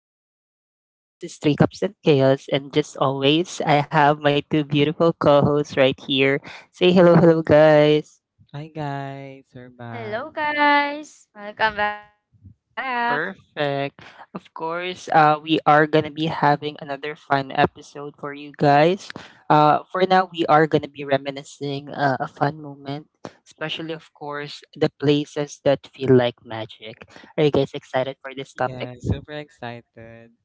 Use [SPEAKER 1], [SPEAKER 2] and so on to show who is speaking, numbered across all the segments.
[SPEAKER 1] podcast. Once again, this is Three Cups and Chaos, and just always, I have my two beautiful co hosts right here. Say hello, hello, guys.
[SPEAKER 2] Hi guys, we're
[SPEAKER 3] Hello,
[SPEAKER 2] back.
[SPEAKER 3] guys. Welcome back.
[SPEAKER 1] Perfect. Of course, we are going to be having another fun episode for you guys. For now, we are going to be reminiscing a fun moment, especially, of course, the places that feel like magic. Are you guys excited for this topic?
[SPEAKER 2] Yeah, super excited.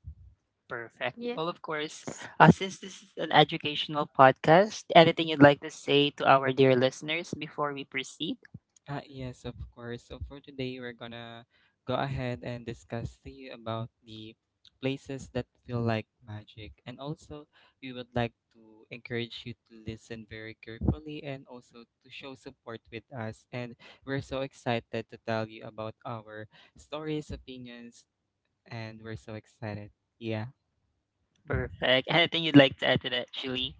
[SPEAKER 3] Yes.
[SPEAKER 1] Perfect. Well, of course, since this is an educational podcast, anything you'd like to say to our dear listeners before we proceed?
[SPEAKER 2] Ah, yes, of course. So for today, we're gonna go ahead and discuss to you about the places that feel like magic, and also we would like to encourage you to listen very carefully and also to show support with us. And we're so excited to tell you about our stories, opinions, and we're so excited. Yeah.
[SPEAKER 1] Perfect. Anything you'd like to add to that, Julie?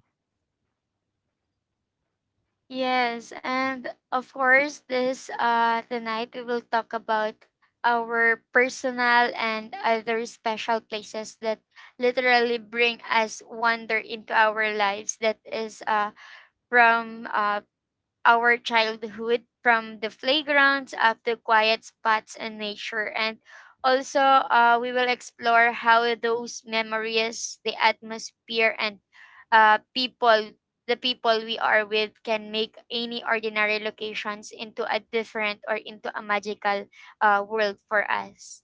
[SPEAKER 3] Yes. And of course, this tonight we will talk about our personal and other special places that literally bring us wonder into our lives, that is from our childhood, from the playgrounds up to quiet spots in nature. And also, we will explore how those memories, the atmosphere, and people the people we are with can make any ordinary locations into a different or into a magical world for us.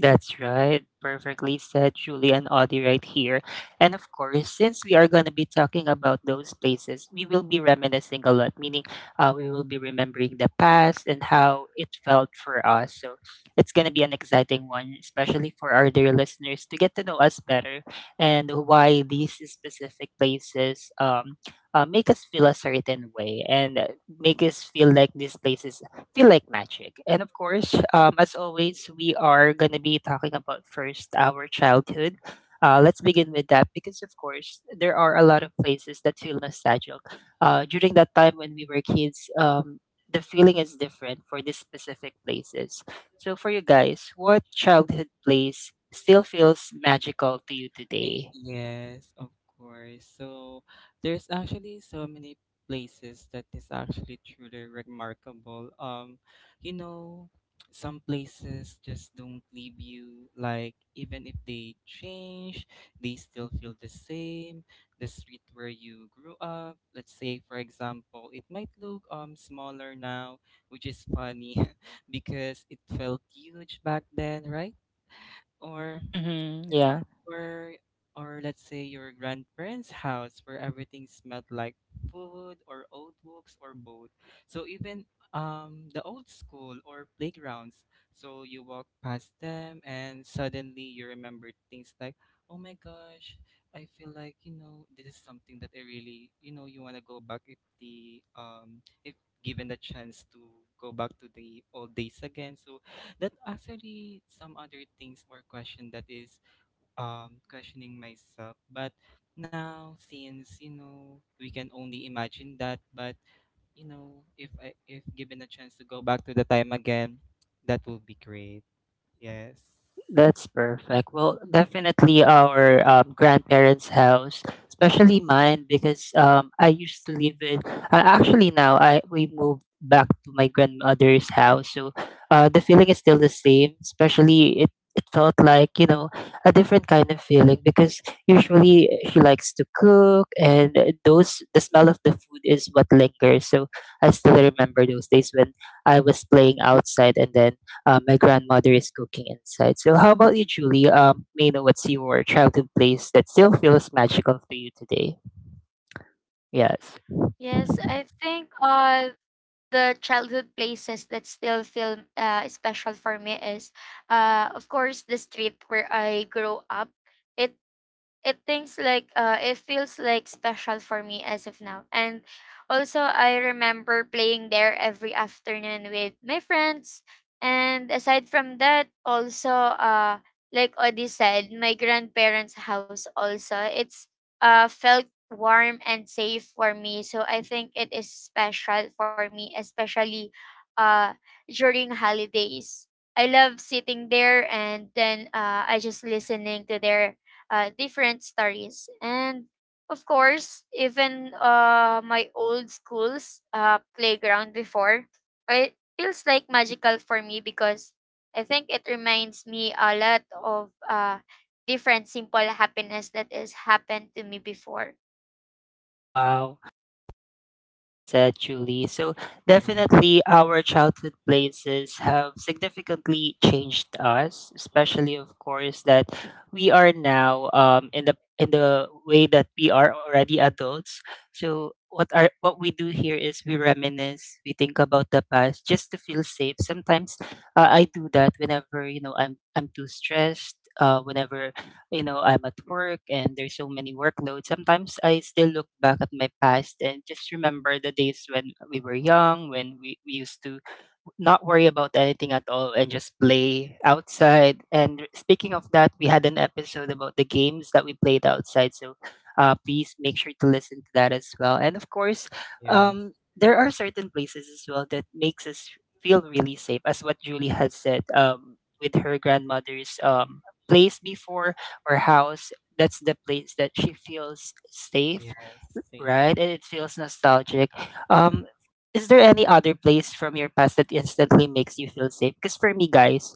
[SPEAKER 1] That's right. Perfectly said, Julie and Audie, right here. And of course, since we are going to be talking about those places, we will be reminiscing a lot, meaning we will be remembering the past and how it felt for us. So it's going to be an exciting one, especially for our dear listeners to get to know us better and why these specific places make us feel a certain way and make us feel like these places feel like magic. And of course, as always, we are going to be talking about first our childhood. Let's begin with that because, of course, there are a lot of places that feel nostalgic. During that time when we were kids, the feeling is different for these specific places. So, for you guys, what childhood place still feels magical to you today?
[SPEAKER 2] Yes, of course. So there's actually so many places that is actually truly remarkable. You know, some places just don't leave you like even if they change, they still feel the same. The street where you grew up, let's say for example, it might look smaller now, which is funny because it felt huge back then, right? Or
[SPEAKER 1] Mm-hmm, yeah.
[SPEAKER 2] or or let's say your grandparents' house where everything smelled like food or old books or both. So even the old school or playgrounds. So you walk past them and suddenly you remember things like, oh my gosh, I feel like this is something that I really, you wanna go back if given the chance to go back to the old days again. So that actually some other things or question that is questioning myself but now since we can only imagine that but if given a chance to go back to the time again that will be great. Yes.
[SPEAKER 1] That's perfect. Well, definitely our grandparents' house, especially mine, because I used to live in. Actually, now I we moved back to my grandmother's house, so the feeling is still the same. Especially it felt like you know a different kind of feeling because usually she likes to cook, and those the smell of the food is what lingers. So I still remember those days when I was playing outside, and then my grandmother is cooking inside. So, how about you, Julie? May I know what's your childhood place that still feels magical to you today? Yes.
[SPEAKER 3] Yes, I think the childhood places that still feel special for me is, of course, the street where I grew up. It it feels like special for me as of now. And also, I remember playing there every afternoon with my friends. And aside from that, also, uh like Odi said, my grandparents house also, it's felt warm and safe for me. So I think it is special for me, especially uh during holidays. I love sitting there, and then I just listening to their different stories. And of course, even my old school's playground before, it feels like magical for me because I think it reminds me a lot of different simple happiness that has happened to me before.
[SPEAKER 1] Wow. Oh, said, Julie. So
[SPEAKER 2] Yeah.
[SPEAKER 1] definitely, our childhood places have significantly changed us, especially, of course, that we are now in the way that we are already adults. So what are what we do here is we reminisce, we think about the past just to feel safe. Sometimes I do that whenever you know I'm too stressed. Whenever you know, I'm at work and there's so many workloads. Sometimes I still look back at my past and just remember the days when we were young, when we used to not worry about anything at all and just play outside. And speaking of that, we had an episode about the games that we played outside. So please make sure to listen to that as well. And of course,
[SPEAKER 2] Yes.
[SPEAKER 1] there are certain places as well that makes us feel really safe, as what Julie has said with her grandmother's
[SPEAKER 2] Yeah,
[SPEAKER 1] place before or house. That's the place that she feels safe,
[SPEAKER 2] yes.
[SPEAKER 1] right?
[SPEAKER 2] Yes.
[SPEAKER 1] And it feels nostalgic. Um, is there any other place from your past that instantly makes you feel safe? Because for me, guys,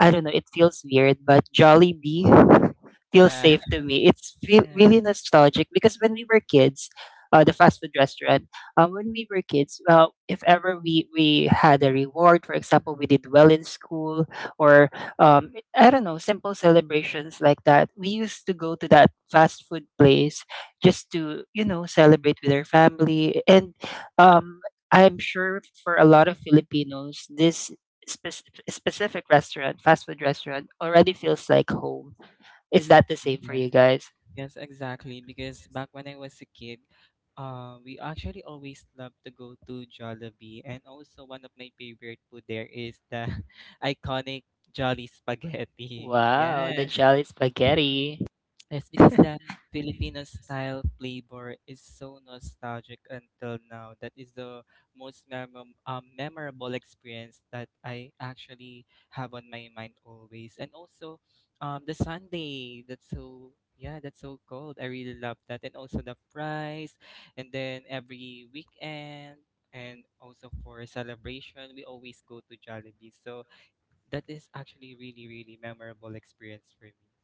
[SPEAKER 1] I don't know, it feels weird, but Jollibee feels
[SPEAKER 2] Yeah,
[SPEAKER 1] safe to me. It's feel,
[SPEAKER 2] yeah.
[SPEAKER 1] really nostalgic because when we were kids, the fast food restaurant, when we were kids, if ever we had a reward, for example, we did well in school or I don't know, simple celebrations like that, we used to go to that fast food place just to you know celebrate with their family and um I'm sure for a lot of Filipinos this specific restaurant fast food restaurant already feels like home. Is that the same for
[SPEAKER 2] Yes.
[SPEAKER 1] you guys?
[SPEAKER 2] Yes, exactly. Because back when I was a kid, we actually always loved to go to Jollibee. And also, one of my favorite food there is the iconic Jolly Spaghetti.
[SPEAKER 1] Wow, the
[SPEAKER 2] Yes.
[SPEAKER 1] Jolly Spaghetti.
[SPEAKER 2] Yes, because the Filipino style flavor is so nostalgic until now. That is the most memorable experience that I actually have on my mind always. And also, the Sunday. That's so Yeah, that's so cold. I really love that. And also the fries, and then every weekend. And also for celebration, we always go to Jollibee. So that is actually really, really memorable experience for me.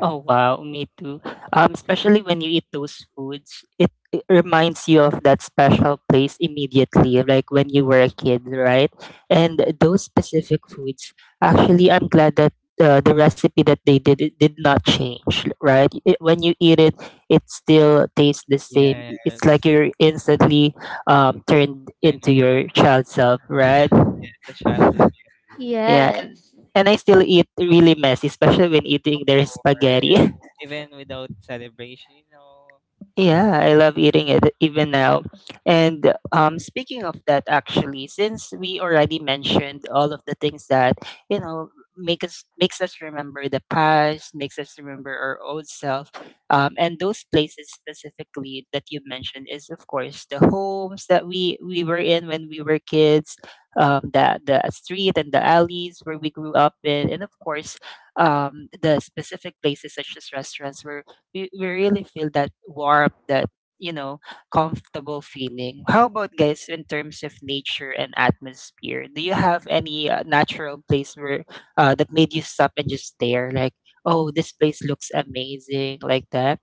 [SPEAKER 2] Yes.
[SPEAKER 1] Oh wow, me too. Especially when you eat those foods, it reminds you of that special place immediately, like when you were a kid, right? And those specific foods, actually, I'm glad that the recipe that they did it did not change, right? It, when you eat it, it still tastes the same. It's like
[SPEAKER 2] Yes,
[SPEAKER 1] you're instantly turned into
[SPEAKER 2] Tainumpa.
[SPEAKER 1] your child self, right?
[SPEAKER 2] Yes, the childhood memories.
[SPEAKER 1] Yeah,
[SPEAKER 3] Yes.
[SPEAKER 1] and I still eat really messy, especially when eating
[SPEAKER 2] Of
[SPEAKER 1] their
[SPEAKER 2] course.
[SPEAKER 1] spaghetti.
[SPEAKER 2] Even without celebration.
[SPEAKER 1] Yeah, I love eating it even now. And speaking of that, actually, since we already mentioned all of the things that you know makes us remember the past, makes us remember our old self, and those places specifically that you mentioned is of course the homes that we were in when we were kids, the street and the alleys where we grew up in, and of course the specific places such as restaurants where we really feel that warmth, that you know, comfortable feeling. How about guys in terms of nature and atmosphere? Do you have any natural place where that made you stop and just stare, like, oh, this place looks amazing, like that?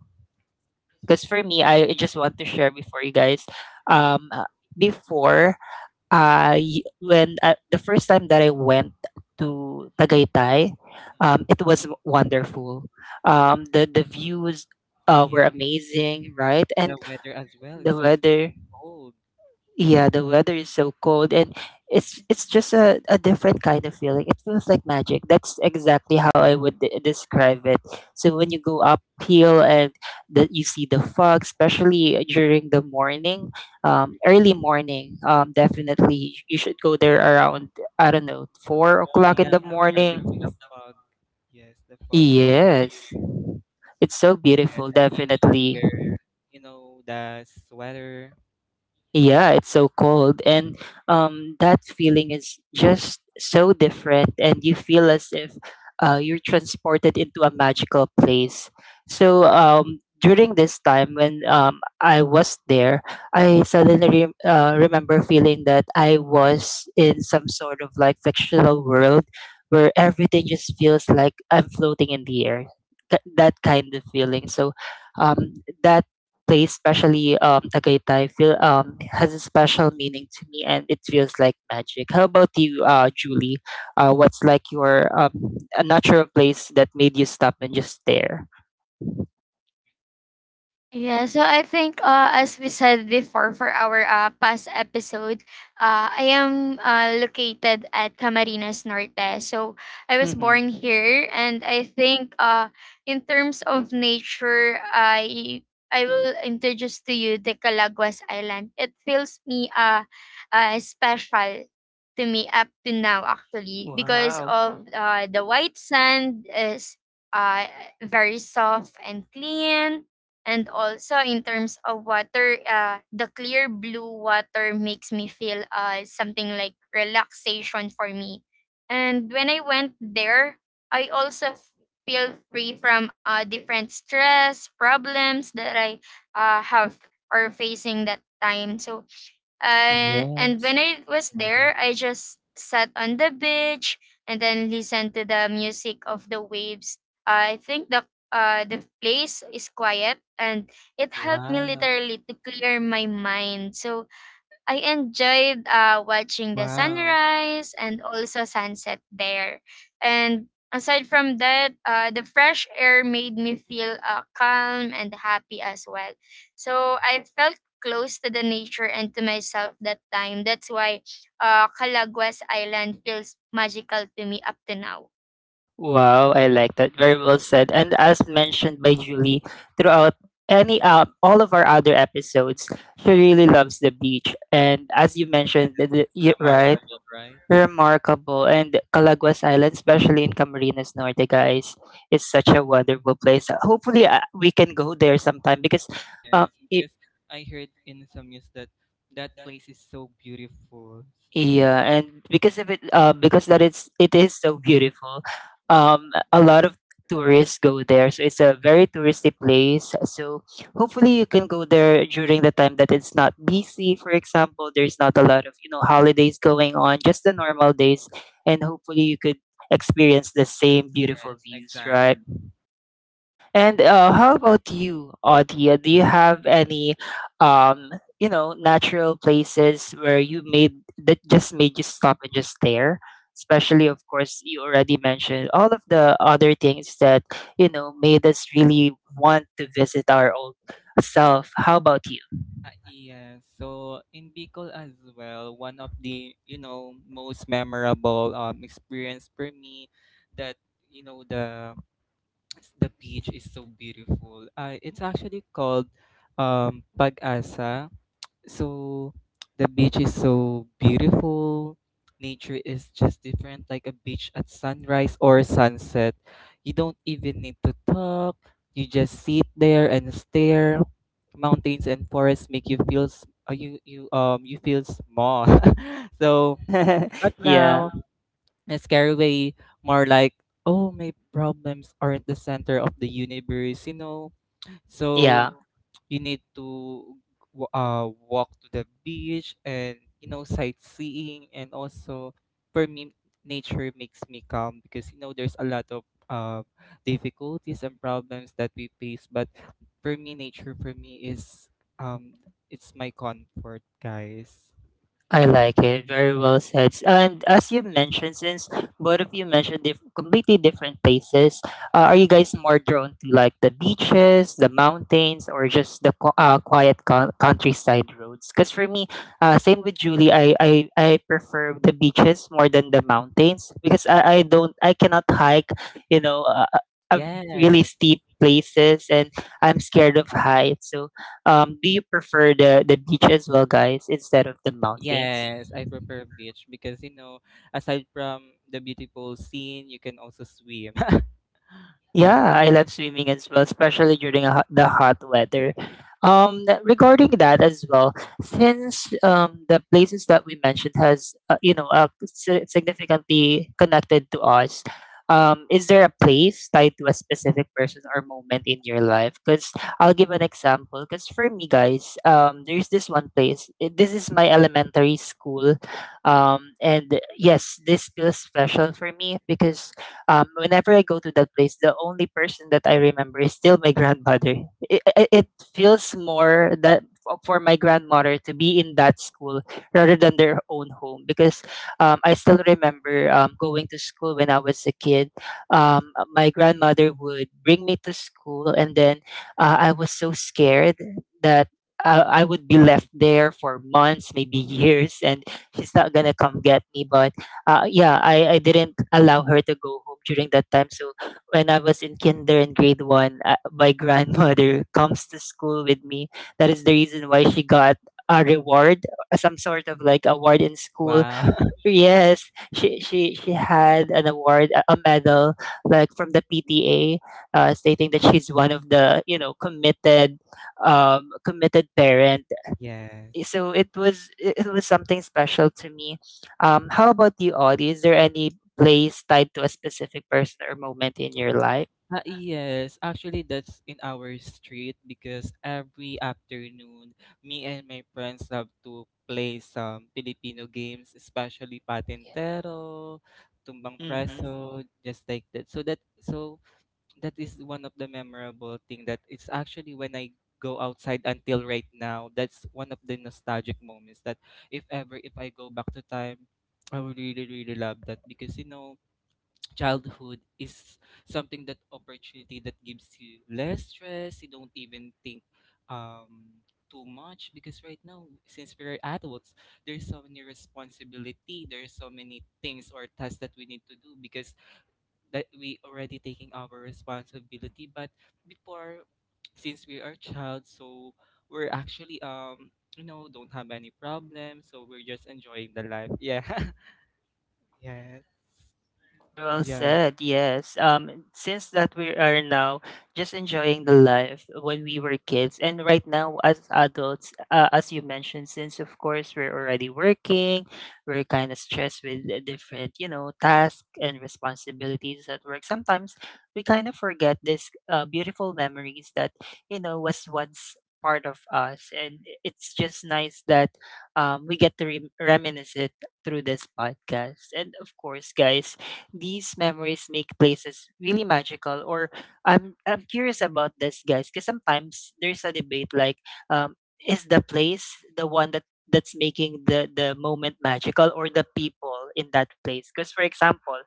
[SPEAKER 1] Because for me, I just want to share before you guys. Um, uh, before I when The first time that I went to Tagaytay, it was wonderful. The views were
[SPEAKER 2] Yeah.
[SPEAKER 1] amazing, right? And
[SPEAKER 2] The weather as well
[SPEAKER 1] the
[SPEAKER 2] is so
[SPEAKER 1] weather,
[SPEAKER 2] cold.
[SPEAKER 1] yeah, the weather is so cold and it's just a different kind of feeling. It feels like magic. That's exactly how
[SPEAKER 2] Yeah.
[SPEAKER 1] I would describe it. So when you go uphill and that you see the fog, especially during the morning, early morning, definitely you should go there around I don't know four
[SPEAKER 2] For,
[SPEAKER 1] o'clock in
[SPEAKER 2] yeah,
[SPEAKER 1] the
[SPEAKER 2] for because the
[SPEAKER 1] morning.
[SPEAKER 2] fog. Yes, the fog so
[SPEAKER 1] Yes,
[SPEAKER 2] cold.
[SPEAKER 1] it's so
[SPEAKER 2] Yes, and
[SPEAKER 1] beautiful,
[SPEAKER 2] you need to
[SPEAKER 1] definitely.
[SPEAKER 2] wear the sweater.
[SPEAKER 1] Yeah, it's so cold. And that feeling is just so different. And you feel as if you're transported into a magical place. So during this time when I was there, I suddenly remember feeling that I was in some sort of like fictional world where everything just feels like I'm floating in the air. That kind of feeling. So um, that place, especially Tagaytay, feel has a special meaning to me, and it feels like magic. How about you, Julie? What's like your a natural place that made you stop and just stare?
[SPEAKER 3] Yeah, so I think as we said before for our past episode, I am located at Camarines Norte. So I was
[SPEAKER 1] Mm-hmm.
[SPEAKER 3] born here, and I think, in terms of nature, I will introduce to you the Calaguas Island. It feels me special to me up to now, actually, because
[SPEAKER 1] Wow.
[SPEAKER 3] of the white sand is uh very soft and clean. And also, in terms of water, the clear blue water makes me feel something like relaxation for me. And when I went there, I also feel free from different stress, problems that I have or facing that time. So, and when
[SPEAKER 1] Yes.
[SPEAKER 3] I was
[SPEAKER 2] Wow.
[SPEAKER 3] there, I just sat on the beach and then listened to the music of the waves. I think the place is quiet, and it helped me
[SPEAKER 2] Wow.
[SPEAKER 3] literally to clear my mind. So I enjoyed watching the
[SPEAKER 2] Wow.
[SPEAKER 3] sunrise and also sunset there. And aside from that, the fresh air made me feel calm and happy as well. So I felt close to the nature and to myself that time. That's why Calaguas Island feels magical to me up to now.
[SPEAKER 1] Wow, I like that. Very well said. And as mentioned by Julie, throughout any all of our other episodes, she really loves the beach. And as you
[SPEAKER 2] Yes.
[SPEAKER 1] mentioned, right,
[SPEAKER 2] Remarkable, right?
[SPEAKER 1] remarkable. And Calaguas Island, especially in Camarines Norte, guys, is such a wonderful place. Hopefully, we can go there sometime because uh,
[SPEAKER 2] Yes,
[SPEAKER 1] it,
[SPEAKER 2] because I heard in some news that that place is so beautiful.
[SPEAKER 1] yeah, and because of it, because that it's it is so beautiful, a lot of tourists go there. So it's a very touristy place. So hopefully you can go there during the time that it's not busy. For example, there's not a lot of you know holidays going on, just the normal days, and hopefully you could experience the same beautiful
[SPEAKER 2] Yes,
[SPEAKER 1] views, right?
[SPEAKER 2] exactly.
[SPEAKER 1] And how about you, Audia? Do you have any, um, you know, natural places where you made that just made you stop and just stare? Especially, of course, you already mentioned all of the other things that you know made us really want to visit our own self. How about you?
[SPEAKER 2] Ah, yes. So in Bicol as well, one of the most memorable experience for me, that the the beach is so beautiful. It's actually called Pag-asa. So the beach is so beautiful. Nature is just different. Like a beach at sunrise or sunset, you don't even need to talk. You just sit there and stare. Mountains and forests make you feel you feel small. So, but
[SPEAKER 1] Yeah,
[SPEAKER 2] now it's carried away. More like, oh, my problems aren't the center of the universe, you know so
[SPEAKER 1] yeah.
[SPEAKER 2] you need to walk to the beach and sightseeing. And also, for me, nature makes me calm because there's a lot of uh, difficulties and problems that we face. But for me, nature for me is um it's my comfort, guys.
[SPEAKER 1] I like it. Very well said. And as you mentioned, since both of you mentioned completely different places, are you guys more drawn to like the beaches, the mountains, or just the quiet countryside roads? Because for me, same with Julie, I prefer the beaches more than the mountains because I cannot hike, you know, uh, really
[SPEAKER 2] Yes,
[SPEAKER 1] steep places and I'm scared of heights. So do you prefer the beach as well, guys, instead of the mountain?
[SPEAKER 2] yes, I prefer beach because aside from the beautiful scene, you can also swim. Yeah,
[SPEAKER 1] Yeah, I love swimming as well, especially during a, the hot weather. Regarding that as well, since the places that we mentioned has you know significantly connected to us, is there a place tied to a specific person or moment in your life? Because I'll give an example. Because for me, guys, there's this one place. This is my elementary school, and yes, this feels special for me because whenever I go to that place, the only person that I remember is still my grandmother. It feels more that for my grandmother to be in that school rather than their own home because I still remember going to school when I was a kid. My grandmother would bring me to school, and then I was so scared that. I would be left there for months, maybe years, and she's not gonna come get me. But yeah, I didn't allow her to go home during that time. So when I was in kinder and grade one, my grandmother comes to school with me. That is the reason why she got a reward, some sort of like award in school.
[SPEAKER 2] wow.
[SPEAKER 1] Yes, she had an award, a medal, like from the PTA, stating that she's one of the committed, committed parents.
[SPEAKER 2] Yes.
[SPEAKER 1] So it was something special to me. How about you, Audie? Is there any place tied to a specific person or moment in your life?
[SPEAKER 2] Ah, yes, actually that's in our street because every afternoon me and my friends love to play some Filipino games, especially Patintero, Tumbang
[SPEAKER 1] Mm-hmm.
[SPEAKER 2] Preso, just like that. So that is one of the memorable thing that it's actually when I go outside until right now. That's one of the nostalgic moments that if I go back to time, I would really really love that because childhood is something, that opportunity that gives you less stress. You don't even think um too much because right now since we're adults there's so many responsibility, there's so many things or tasks that we need to do because that we already taking our responsibility. But before, since we are child, so we're actually don't have any problem, so we're just enjoying the life. Yeah. Yes.
[SPEAKER 1] Very well
[SPEAKER 2] Yeah.
[SPEAKER 1] said. Yes. Since that we are now just enjoying the life when we were kids, and right now as adults, as you mentioned, since of course we're already working, we're kind of stressed with the different, you know, tasks and responsibilities at work. Sometimes we kind of forget this beautiful memories that you know was once part of us, and it's just nice that we get to reminisce it through this podcast. And of course, guys, these memories make places really magical. Or I'm curious about this, guys, because sometimes there's a debate like, um, is the place the one that's making the moment magical, or the people in that place? Because for example,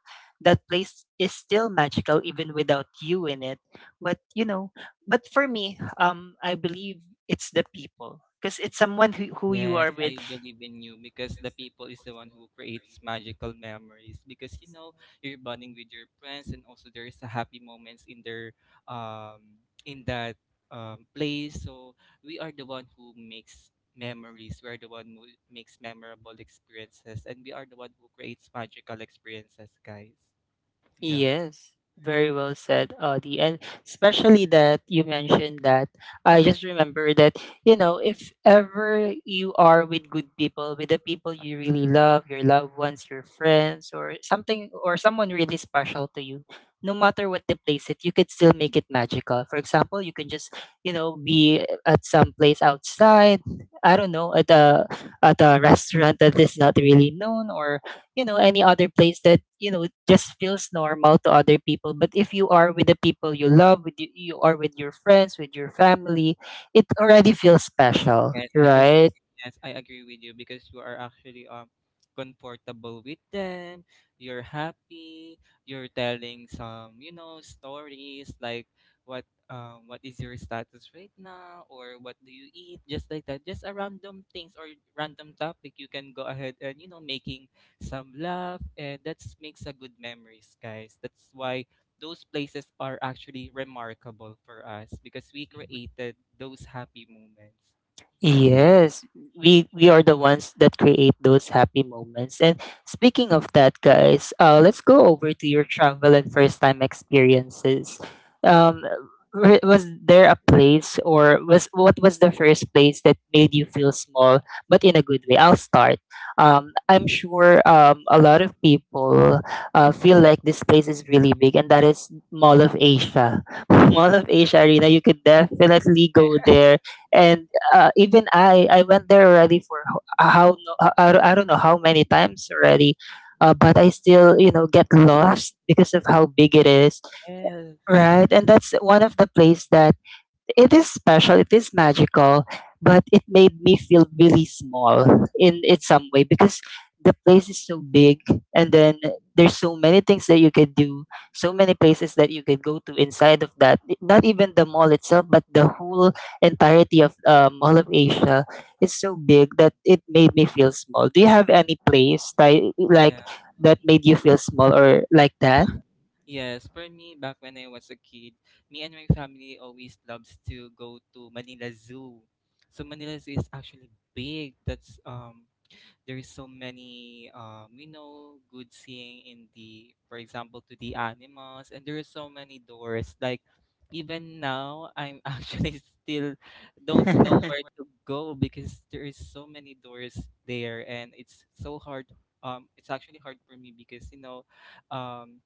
[SPEAKER 1] that place is still magical even without you in it. But you know, but for me, I believe it's the people because it's someone who you are
[SPEAKER 2] Yes,
[SPEAKER 1] with.
[SPEAKER 2] I believe in you because the people is the one who creates magical memories because you're bonding with your friends, and also there is a happy moments in their in that place. So we are the one who makes memories. We are the one who makes memorable experiences, and we are the one who creates magical experiences, guys. Yeah.
[SPEAKER 1] Yes, very well said, Audie. And especially that you mentioned that, I just remember that, you know, if ever you are with good people, with the people you really love, your loved ones, your friends, or something, or someone really special to you, no matter what they place it, you could still make it magical. For example, you can just, you know, be at some place outside, I don't know, at a restaurant that is not really known or you know any other place that you know just feels normal to other people, but if you are with the people you love with you, you are with your friends with your family, it already feels special,
[SPEAKER 2] Yes, because
[SPEAKER 1] right?
[SPEAKER 2] yes, I agree with you because you are actually comfortable with them. You're happy. You're telling some, stories like what is your status right now, or what do you eat, just like that, just a random things or random topic. You can go ahead and making some laugh, and that makes a good memories, guys. That's why those places are actually remarkable for us, because we created those happy moments. Mhm.
[SPEAKER 1] Yes, we are the ones that create those happy moments. And speaking of that, guys, let's go over to your travel and first time experiences. Um, was there a place, or was what was the first place that made you feel small, but in a good way? I'll start. I'm sure a lot of people feel like this place is really big, and that is Mall of Asia. Mall of Asia Arena. You could definitely go there and even I went there already for ho- how no, I don't know how many times already, but I still you know get lost because of how big it is,
[SPEAKER 2] Yes.
[SPEAKER 1] right? And that's one of the place that it is special, it is magical, but it made me feel really small in some way because the place is so big, and then there's so many things that you could do, so many places that you could go to inside of that. Not even the mall itself, but the whole entirety of Mall of Asia is so big that it made me feel small. Do you have any place like
[SPEAKER 2] Yeah.
[SPEAKER 1] that made you feel small or like that?
[SPEAKER 2] Yes, for me, back when I was a kid, me and my family always loves to go to Manila Zoo. So Manila Zoo is actually big. That's There's so many good seeing in the, for example, to the animals, and there are so many doors. Like, even now I'm actually still don't know where to go because there is so many doors there, and it's so hard. It's actually hard for me because um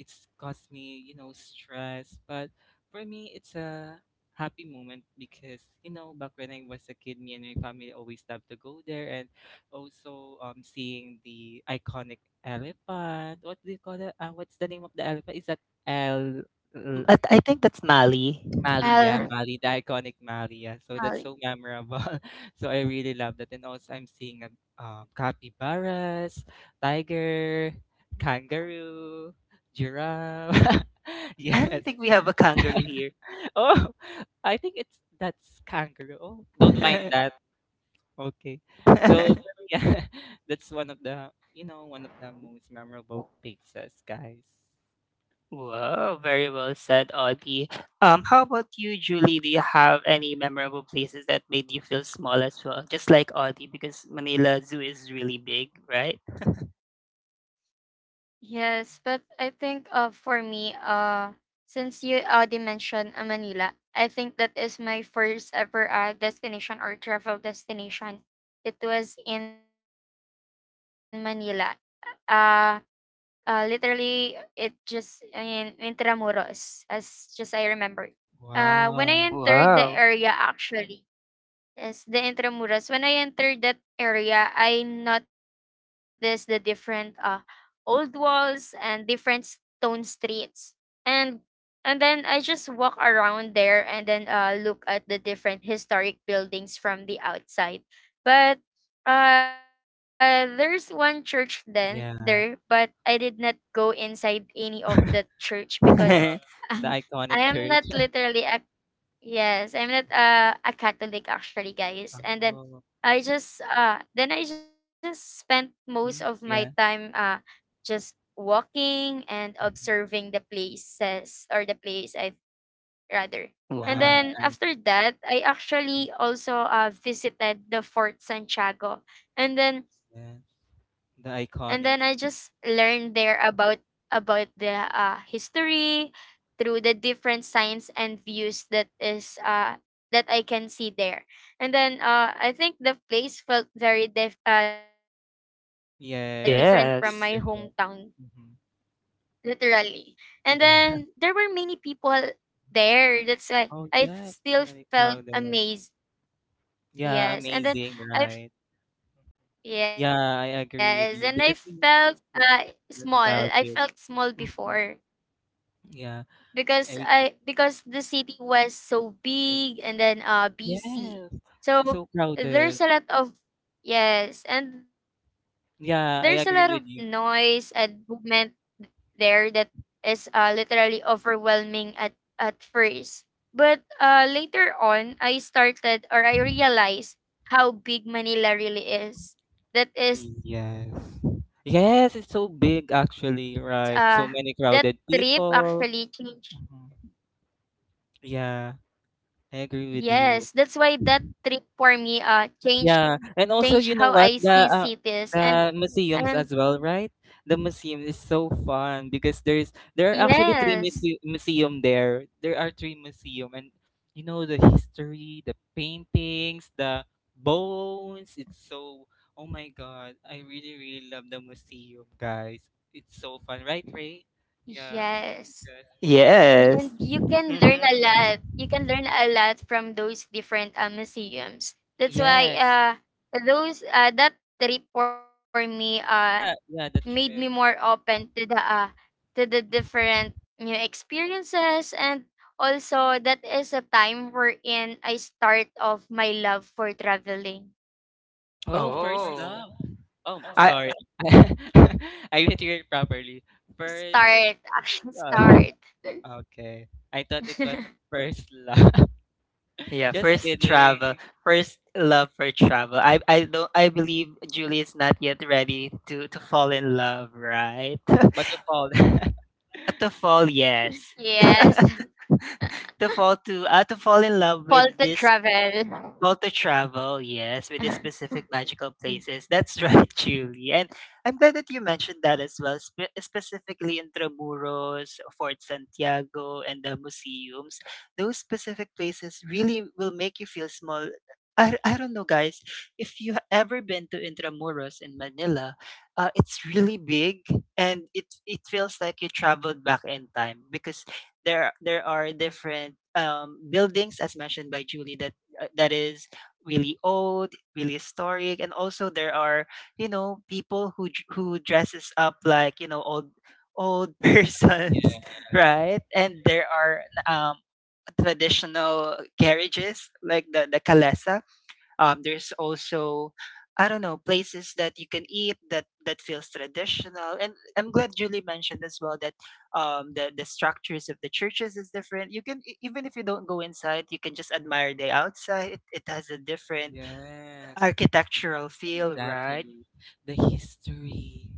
[SPEAKER 2] it's caused me, stress. But for me, it's a happy moment because back when I was a kid, me and my family always loved to go there, and also seeing the iconic elephant. What do you call it? What's the name of the elephant? Is that El?
[SPEAKER 1] But I think that's Mali.
[SPEAKER 2] Mali, yeah, Mali, the iconic Mali, yeah. So that's so memorable. So I really love that. And also I'm seeing capybaras, tiger, kangaroo, giraffe.
[SPEAKER 1] I don't
[SPEAKER 2] Yes.
[SPEAKER 1] think we have a kangaroo here.
[SPEAKER 2] Oh, I think it's that's kangaroo. Oh, don't mind that. Okay. So yeah, that's one of the most memorable pizzas, guys.
[SPEAKER 1] Wow! Very well said, Audie. How about you, Julie? Do you have any memorable places that made you feel small as well? Just like Audie, because Manila Zoo is really big, right?
[SPEAKER 2] Wow.
[SPEAKER 1] Wow.
[SPEAKER 2] Yeah. Wow.
[SPEAKER 1] Wow.
[SPEAKER 2] The iconic church. Oh, mhm, yeah, mhm. Yeah, mhm, yeah. The iconics. Yes, that is
[SPEAKER 1] Yes.
[SPEAKER 2] different. Hmm. Yeah. Oh, yeah, so many crowded. Yeah, amazing, right? Yeah, I agree with you because it's so nostalgic. Hmm. Yeah, I agree. Yes. Yes. So crowded. Yeah, I agree with you. Yes. Yes, it's so big actually, right? So many crowded people. Mhm. Yeah, I agree with you. Yeah, and also you know what, the museums as well, right? The museum is so fun because there are actually three museum there. There are three museum, and the history, the paintings, the bones. It's so Oh my god! I really really love the museum, guys. It's so fun, right, Ray? Yeah. Yes.
[SPEAKER 1] Yes. Mm-hmm.
[SPEAKER 2] Yes. Yeah. Yeah. The trip. Mm-hmm. Oh, first
[SPEAKER 1] Oh.
[SPEAKER 2] love. Oh,
[SPEAKER 1] I,
[SPEAKER 2] sorry. I didn't hear it properly. First. Uh, okay. I thought it was first love.
[SPEAKER 1] Yeah,
[SPEAKER 2] Just
[SPEAKER 1] first
[SPEAKER 2] kidding.
[SPEAKER 1] travel, first love for travel. I believe Julie is not yet ready to fall in love, right?
[SPEAKER 2] But to fall.
[SPEAKER 1] But to fall, yes. To fall to fall in love with this, well, to travel, yes, with the specific magical places. That's right, Julie. And I'm glad that you mentioned that as well, specifically Intramuros, Fort Santiago, and the museums. Those specific places really will make you feel small. I don't know, guys, if you have ever been to Intramuros in Manila, it's really big, and it feels like you traveled back in time because there are different buildings, as mentioned by Julie, that that is really old, really historic, and also there are you know people who who dresses up like you know old old persons,
[SPEAKER 2] Yeah.
[SPEAKER 1] right? And there are traditional carriages like the kalesa, there's also I don't know places that you can eat that feels traditional. And I'm glad Julie mentioned as well that the structures of the churches is different. You can even if you don't go inside, you can just admire the outside. It has a different
[SPEAKER 2] Yes.
[SPEAKER 1] architectural feel, right?
[SPEAKER 2] Exactly. The history,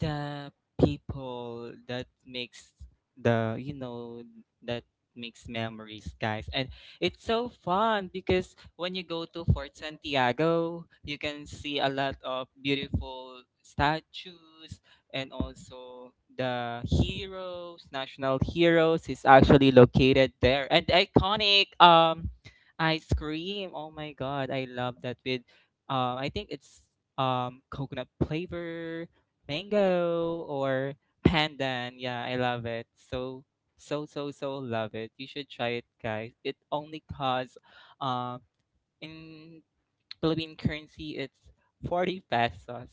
[SPEAKER 2] the people that makes the, you know, that makes memories, guys. And it's so fun because when you go to Fort Santiago, you can see a lot of beautiful statues, and also the heroes, national heroes is actually located there. And the iconic ice cream. Oh my god, I love that with I think it's coconut flavor, mango or pandan. Yeah, I love it. So so so so love it. You should try it, guys. It only costs um in Philippine currency it's 40 pesos.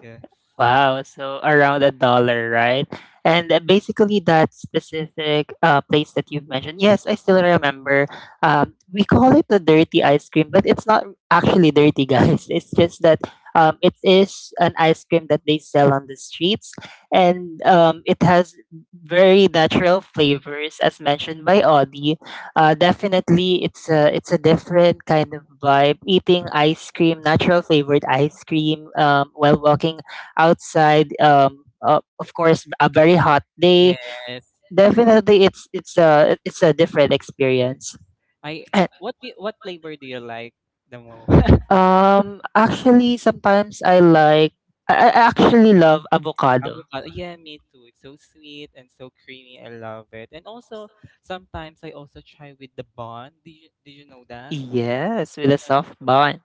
[SPEAKER 2] Yes.
[SPEAKER 1] Wow, so around a dollar, right? And basically, that specific place that you've mentioned, yes, I still remember. We call it the dirty ice cream, but it's not actually dirty, guys. It's just that it is an ice cream that they sell on the streets, and it has very natural flavors, as mentioned by Audie. Definitely, it's a different kind of vibe. Eating ice cream, natural flavored ice cream, while walking outside. Of course, a very hot day.
[SPEAKER 2] Yes.
[SPEAKER 1] Definitely, it's a different
[SPEAKER 2] Yes.
[SPEAKER 1] experience.
[SPEAKER 2] I
[SPEAKER 1] And
[SPEAKER 2] what do you, what flavor do you like the most?
[SPEAKER 1] actually, sometimes I like I actually love avocado.
[SPEAKER 2] Avocado. Yeah, me too. It's so sweet and so creamy. I love it. And also, sometimes I also try with the bun. Did you know that?
[SPEAKER 1] Yes, with a
[SPEAKER 2] Uh,
[SPEAKER 1] soft
[SPEAKER 2] the bun.
[SPEAKER 1] bun.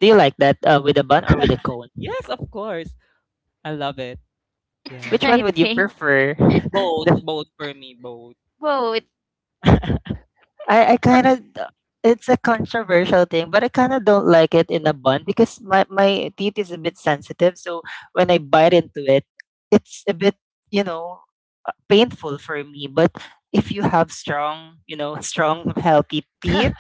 [SPEAKER 1] Do you like that with a bun or with a cone?
[SPEAKER 2] Yes, of course. I love it. Yeah.
[SPEAKER 1] Which one would you prefer?
[SPEAKER 2] Both, both for me, both.
[SPEAKER 1] I kind of, it's a controversial thing, but I kind of don't like it in a bun because my teeth is a bit sensitive, so when I bite into it, it's a bit, you know, painful for me. But if you have strong, you know, strong healthy teeth,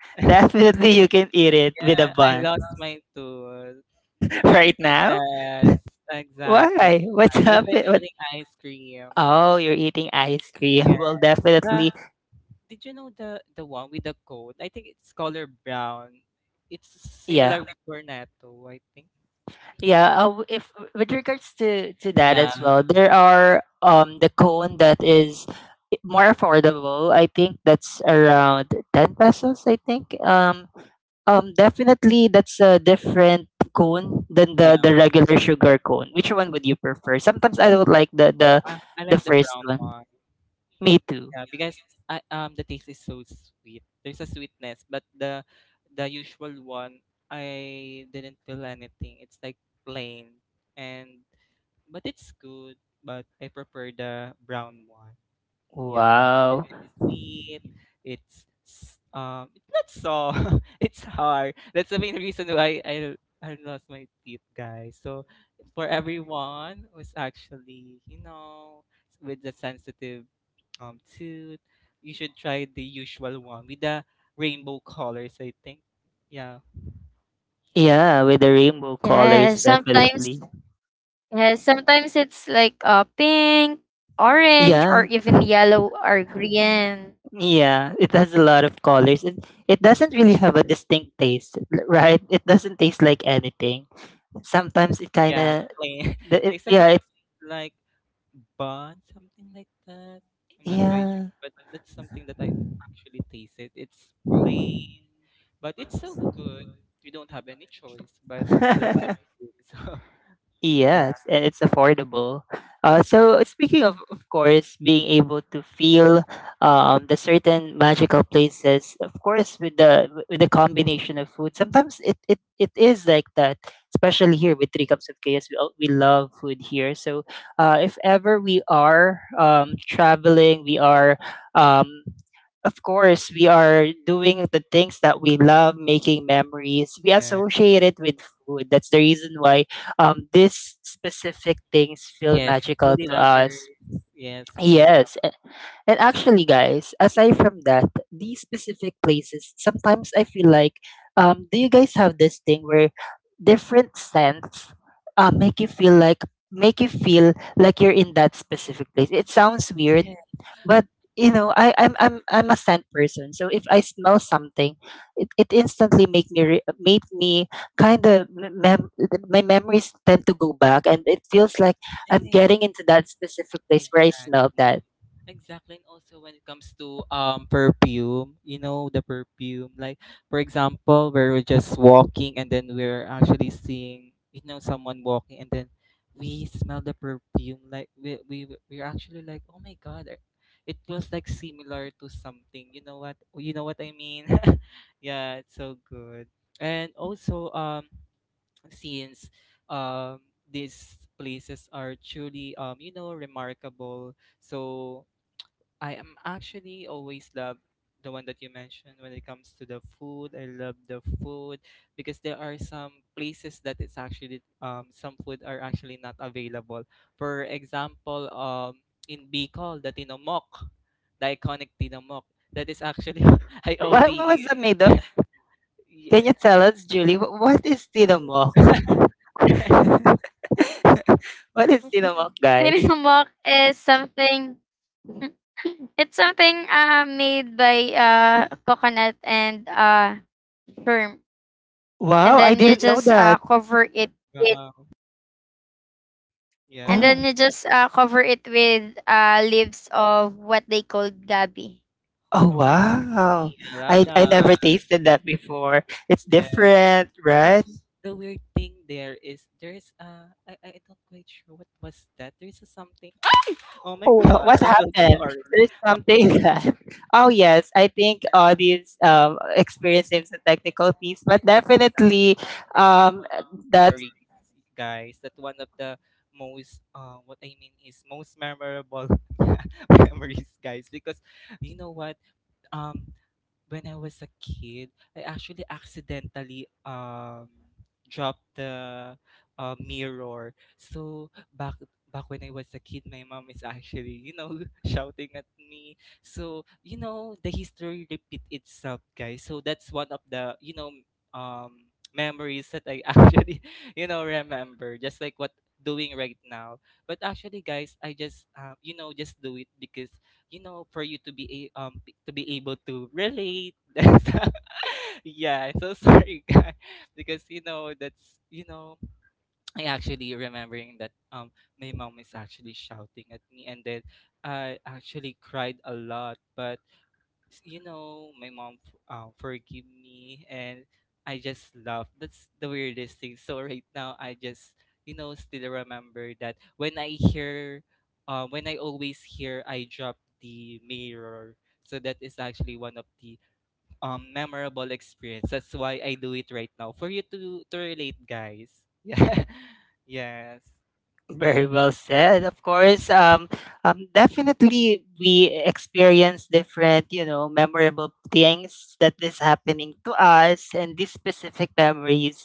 [SPEAKER 1] definitely
[SPEAKER 2] Yeah,
[SPEAKER 1] you can eat it with a
[SPEAKER 2] yeah, I
[SPEAKER 1] bun.
[SPEAKER 2] lost my tooth.
[SPEAKER 1] Right now?
[SPEAKER 2] Yes, exactly.
[SPEAKER 1] Why?
[SPEAKER 2] Yeah,
[SPEAKER 1] What's
[SPEAKER 2] because I'm
[SPEAKER 1] happening? What?
[SPEAKER 2] eating ice cream.
[SPEAKER 1] Oh, you're eating ice cream.
[SPEAKER 2] Yeah.
[SPEAKER 1] Well, definitely.
[SPEAKER 2] Did you know the one with the coat? I think it's color brown. It's
[SPEAKER 1] Yeah.
[SPEAKER 2] similar with Cornetto, I think.
[SPEAKER 1] Yeah, if with regards to that
[SPEAKER 2] Yeah,
[SPEAKER 1] as well, there are the cone that is more affordable. I think that's around 10 pesos, I think. Definitely that's a different cone than
[SPEAKER 2] yeah.
[SPEAKER 1] the regular sugar cone. Which one would you prefer? Sometimes I don't like the
[SPEAKER 2] I
[SPEAKER 1] the
[SPEAKER 2] like the
[SPEAKER 1] first
[SPEAKER 2] brown
[SPEAKER 1] one.
[SPEAKER 2] one.
[SPEAKER 1] Me too.
[SPEAKER 2] Yeah, because I the taste is so sweet. There's a sweetness, but the usual one I didn't feel anything. It's like plain and but it's good. But I prefer the brown one. Yeah, because
[SPEAKER 1] Wow.
[SPEAKER 2] it's sweet. It's not soft. It's hard. That's the main reason why I lost my teeth, guys. So for everyone who's actually with the sensitive tooth, you should try the usual one with the rainbow colors, I think. Yeah,
[SPEAKER 1] Yeah, with the rainbow colors definitely. Yeah. Yeah, it has a lot of colors. It doesn't really have a distinct taste, right? It doesn't taste like anything. Sometimes it kind of,
[SPEAKER 2] yeah, the plain.
[SPEAKER 1] it,
[SPEAKER 2] It's like a
[SPEAKER 1] yeah, it,
[SPEAKER 2] like bun, something like that. I'm not quite sure,
[SPEAKER 1] yeah.
[SPEAKER 2] but that's something that I actually tasted. It's plain, but it's so good. We don't have any choice, but we love ice cream. So yeah,
[SPEAKER 1] Yes, and it's affordable. So speaking of course, being able to feel the certain magical places, of course, with the combination of food, sometimes it, it, it is like that. Especially here with Three Cups of Chaos, we we love food here. So if ever we are traveling, we are um, of course, we are doing the things that we love, making memories. We
[SPEAKER 2] yeah.
[SPEAKER 1] associate it with food. That's the reason why these specific things feel
[SPEAKER 2] Yes,
[SPEAKER 1] magical
[SPEAKER 2] foodie
[SPEAKER 1] to us.
[SPEAKER 2] lovers. Yes, foodie
[SPEAKER 1] Yes,
[SPEAKER 2] lovers.
[SPEAKER 1] and actually, guys, aside from that, these specific places, sometimes I feel like, do you guys have this thing where different scents make you feel like make you feel like you're in that specific place? It sounds weird,
[SPEAKER 2] Yes,
[SPEAKER 1] but you know, I, I'm a scent person, so if I smell something, it instantly make me make me kind of my memories tend to go back, and it feels like I'm
[SPEAKER 2] yes,
[SPEAKER 1] getting into that specific place where I smell
[SPEAKER 2] exactly.
[SPEAKER 1] that.
[SPEAKER 2] Exactly, and also when it comes to perfume, you know, the perfume. Like for example, where we're just walking and then we're actually seeing, you know, someone walking and then we smell the perfume. Like we're actually like, oh my god, I- it feels like similar to something. You know what? You know what I mean? Yeah, it's so good. And also since um these places are truly you know remarkable, so I am actually always love the one that you mentioned when it comes to the food. I love the food because there are some places that it's actually some food are actually not available. For example, in Bicol, the tinomok, the iconic tinomok. That is actually I only
[SPEAKER 1] What was
[SPEAKER 2] eat.
[SPEAKER 1] the made of? Can you tell us, Julie? What is tinomok?
[SPEAKER 2] Yeah.
[SPEAKER 1] What is tinomok, guys? Wow, I didn't know that.
[SPEAKER 2] Wow. Yeah.
[SPEAKER 1] Oh, oh
[SPEAKER 2] Okay.
[SPEAKER 1] wow!
[SPEAKER 2] I love
[SPEAKER 1] I
[SPEAKER 2] that.
[SPEAKER 1] never tasted that before. It's
[SPEAKER 2] Yeah.
[SPEAKER 1] different, right?
[SPEAKER 2] Also, the weird thing there is there's I don't quite sure what was that. There's a something. Oh my
[SPEAKER 1] Oh,
[SPEAKER 2] god,
[SPEAKER 1] what
[SPEAKER 2] I'm so
[SPEAKER 1] happened?
[SPEAKER 2] sorry,
[SPEAKER 1] There's something that. Oh yes, I think all these experiences and technical piece, but definitely um that's
[SPEAKER 2] guys. That one of the most, what I mean is most memorable memories, guys. Because you know what? Um, when I was a kid, I actually accidentally dropped the mirror. So back when I was a kid, my mom is actually you know shouting at me. So you know the history repeat itself, guys. So that's one of the you know memories that I actually you know remember, just like what doing right now. But actually, guys, I just you know just do it because you know for you to be a, to be able to relate that's yeah I'm so sorry guys because you know that's you know I actually remembering that my mom is actually shouting at me and then I actually cried a lot but you know, my mom forgive me, and I just love. That's the weirdest thing. So right now, I just you know still remember that when I hear, when I always hear, I drop the mirror. So that is actually one of the memorable experience. That's why I do it right now for you to relate, guys. Yeah. Yes.
[SPEAKER 1] very well said. Of course, definitely we experience different, you know, memorable things that is happening to us, and these specific memories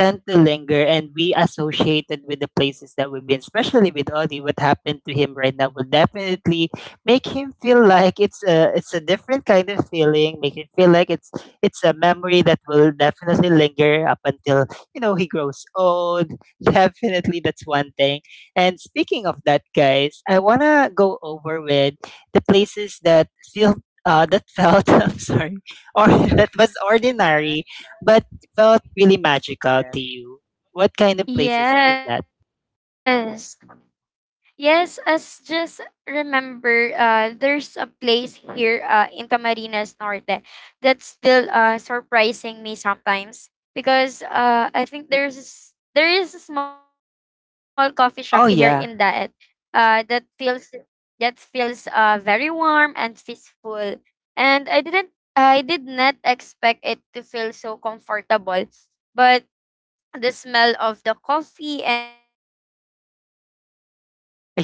[SPEAKER 1] tend to linger and be associated with the places that we've been, especially with Audie. What happened to him right now will definitely make him feel like it's a different kind of feeling, make him feel like it's a memory that will definitely linger up until you know he grows old. Definitely, that's one thing. And speaking of that, guys, I wanna go over with the places that feel. That felt, I'm sorry, or that was ordinary, but felt really magical
[SPEAKER 2] Yes.
[SPEAKER 1] to you? What kind of places is that? Oh yeah.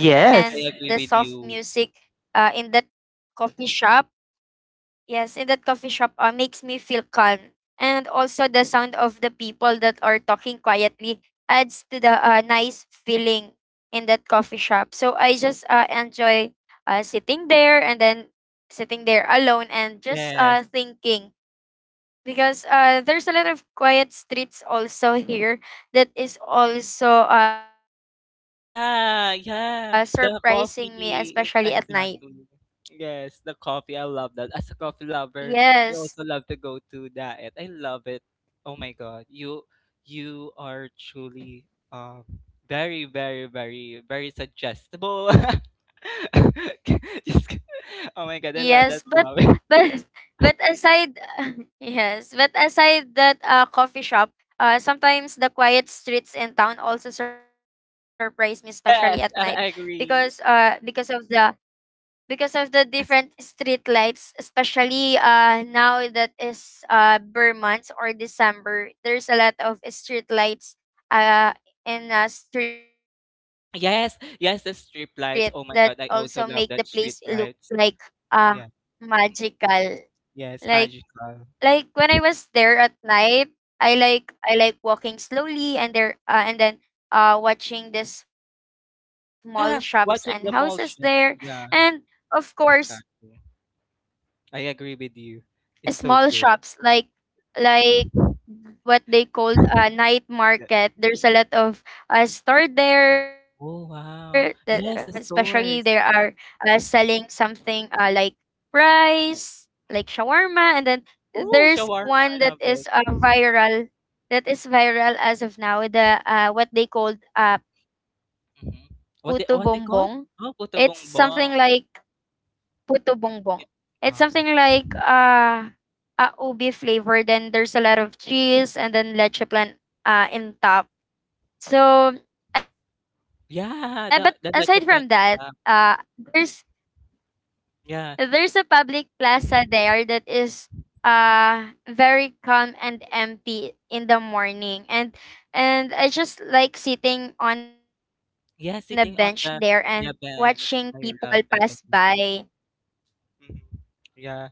[SPEAKER 2] Yes. I agree with you. Yes. Yeah, yeah, the coffee, it's exactly. Yes, the coffee, I love that. As a coffee lover, I also love to go to that. I love it. Oh my God, you are truly um very, very, very, very suggestible. Just ki- oh my God, I love that coffee. Yes, I agree. Yes, yes, yes. The street lights. Oh my God, I also love that street lights. Yeah, yes, magical. Yeah, watching the mall shops. Yeah, exactly. I agree with you. It's so good. Yeah. Oh wow. Yes, the stores. Mhm. Oh, shawarma. I love it. Hmm. What they call? Oh, puto bongbong. Mm. Yeah. Oh yeah. Yeah, the leche plan on top. Yeah. Mm. Yeah, sitting on the yeah bench. I love that as well. Hmm. Yeah.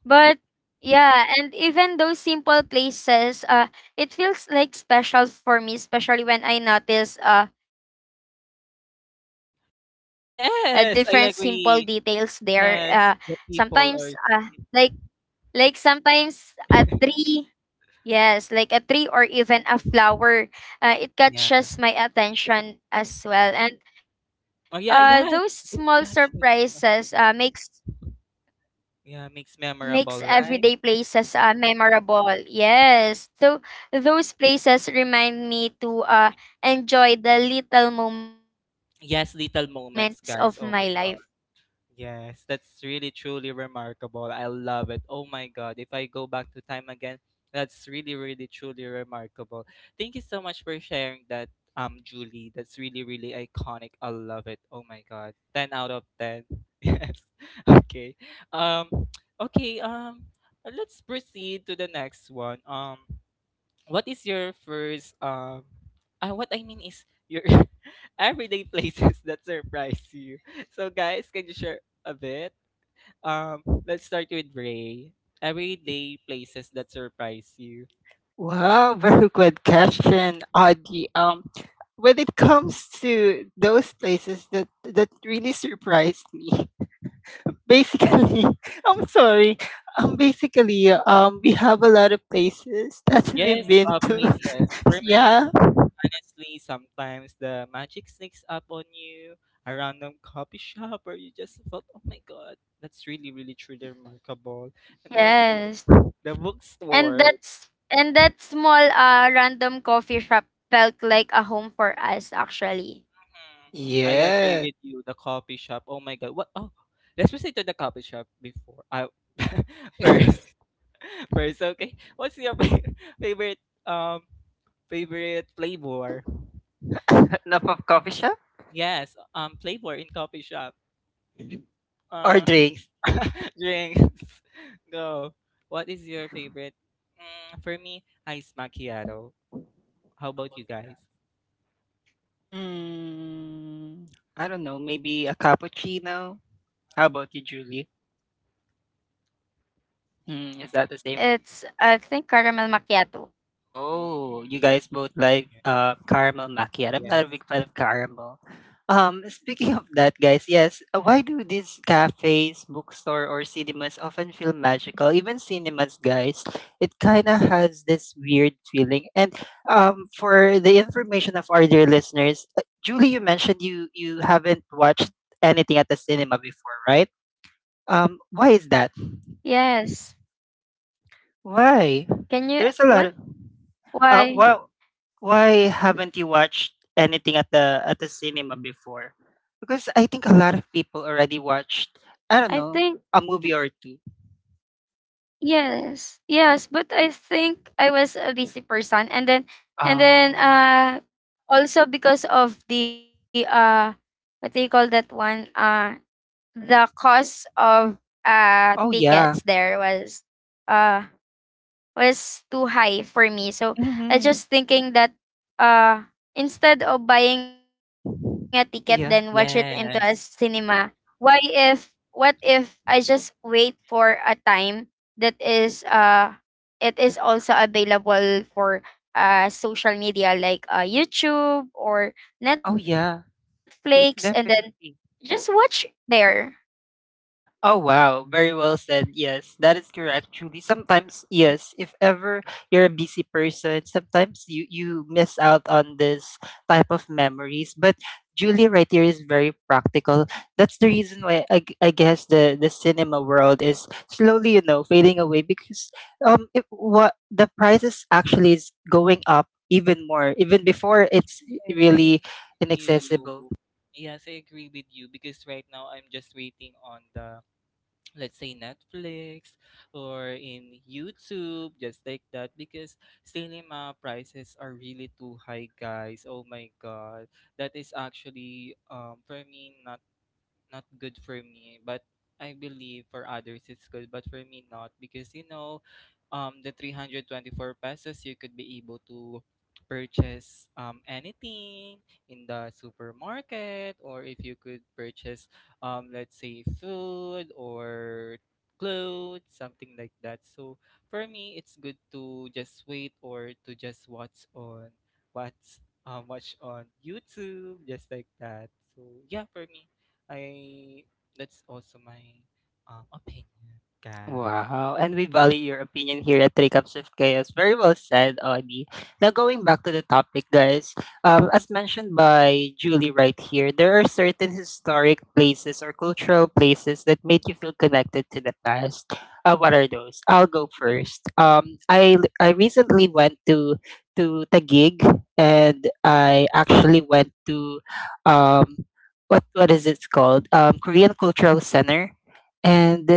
[SPEAKER 2] Yes, I agree. Yes, the people are. Mhm. Yeah. Mhm. Oh, yeah, yeah. It catches. Yeah, makes memorable, right? Yes, little moments, guys. Oh my. Yes, that's really truly remarkable. I love it. Oh my God. If I go back to time again, that's really, really truly remarkable. Thank you so much for sharing that, Julie. That's really, really iconic. I love it. Oh my God. 10 out of 10. Yes. Okay. Um, okay. Let's proceed to the next one. What is your first what I mean is your everyday places that surprise you. So guys, can you share a bit? Um let's start with Ray. Everyday places that surprise you.
[SPEAKER 1] Wow, very good question, Audie. When it comes to those places that really surprised me, basically, I'm sorry. Basically, we have a lot of places that we've
[SPEAKER 2] Yes,
[SPEAKER 1] been to.
[SPEAKER 2] places. For me,
[SPEAKER 1] Yeah.
[SPEAKER 2] honestly, sometimes the magic sneaks up on you, a random coffee shop where you just thought, oh my god, that's really, really truly remarkable. And also the bookstore. Mm. I agree
[SPEAKER 1] Yes.
[SPEAKER 2] with you. The coffee shop. Oh my god. What? Oh, let's proceed to the coffee shop before I first,
[SPEAKER 1] Enough
[SPEAKER 2] first. Okay. What's your fa- favorite um favorite flavor?
[SPEAKER 1] of coffee shop
[SPEAKER 2] Yes. Flavor in coffee shop.
[SPEAKER 1] or
[SPEAKER 2] Uh,
[SPEAKER 1] drinks.
[SPEAKER 2] drinks. Go. What is your favorite? Mm, for me, ice macchiato. How about you guys? Mm,
[SPEAKER 1] Mm, I don't know, maybe a cappuccino? How about you, Julie? Mm,
[SPEAKER 2] mm,
[SPEAKER 1] is that the
[SPEAKER 2] mm,
[SPEAKER 1] same?
[SPEAKER 2] mm.
[SPEAKER 1] Oh, you guys both like caramel macchiato. I'm not a
[SPEAKER 2] Yes.
[SPEAKER 1] big fan of caramel. Speaking of that, guys, yes, why do these cafes, bookstore, or cinemas often feel magical? Even cinemas, guys, it kind of has this weird feeling. And for the information of our dear listeners, Julie, you mentioned you haven't watched anything at the cinema before, right? Why is that? Why? There's a lot of. Well, why haven't you watched anything at the cinema before? Because I think a lot of people already watched. I don't know, a movie or two. Oh, oh yeah, hmm, yeah,
[SPEAKER 2] Yes.
[SPEAKER 1] oh yeah, definitely. Oh wow, very well said. Yes, that is correct. Truly, sometimes yes, if ever you're a busy person, sometimes you miss out on this type of memories. But Julia right here is very practical. That's the reason why I guess the cinema world is slowly you know fading away because it, what the prices actually is going up even more, even before it's
[SPEAKER 2] Yes. I
[SPEAKER 1] really
[SPEAKER 2] you.
[SPEAKER 1] inaccessible.
[SPEAKER 2] Yes, I agree with you because right now I'm just waiting on the let's say Netflix or in YouTube, just like that because cinema prices are really too high, guys. Oh my god. That is actually for me not not good for me but I believe for others it's good but for me not because you know the 324 pesos you could be able to purchase anything in the supermarket or if you could purchase let's say food or clothes something like that so for me it's good to just wait or to just watch on what's watch on YouTube just like that so yeah for me I that's also my opinion, guys.
[SPEAKER 1] Wow, and we value your opinion here at Three Cups of Chaos. Very well said, Audie. Now, going back to the topic, guys, as mentioned by Julie right here, there are certain historic places or cultural places that make you feel connected to the past. What are those? I'll go first. I recently went to Taguig, and I actually went to um, what is it called? Korean Cultural Center, and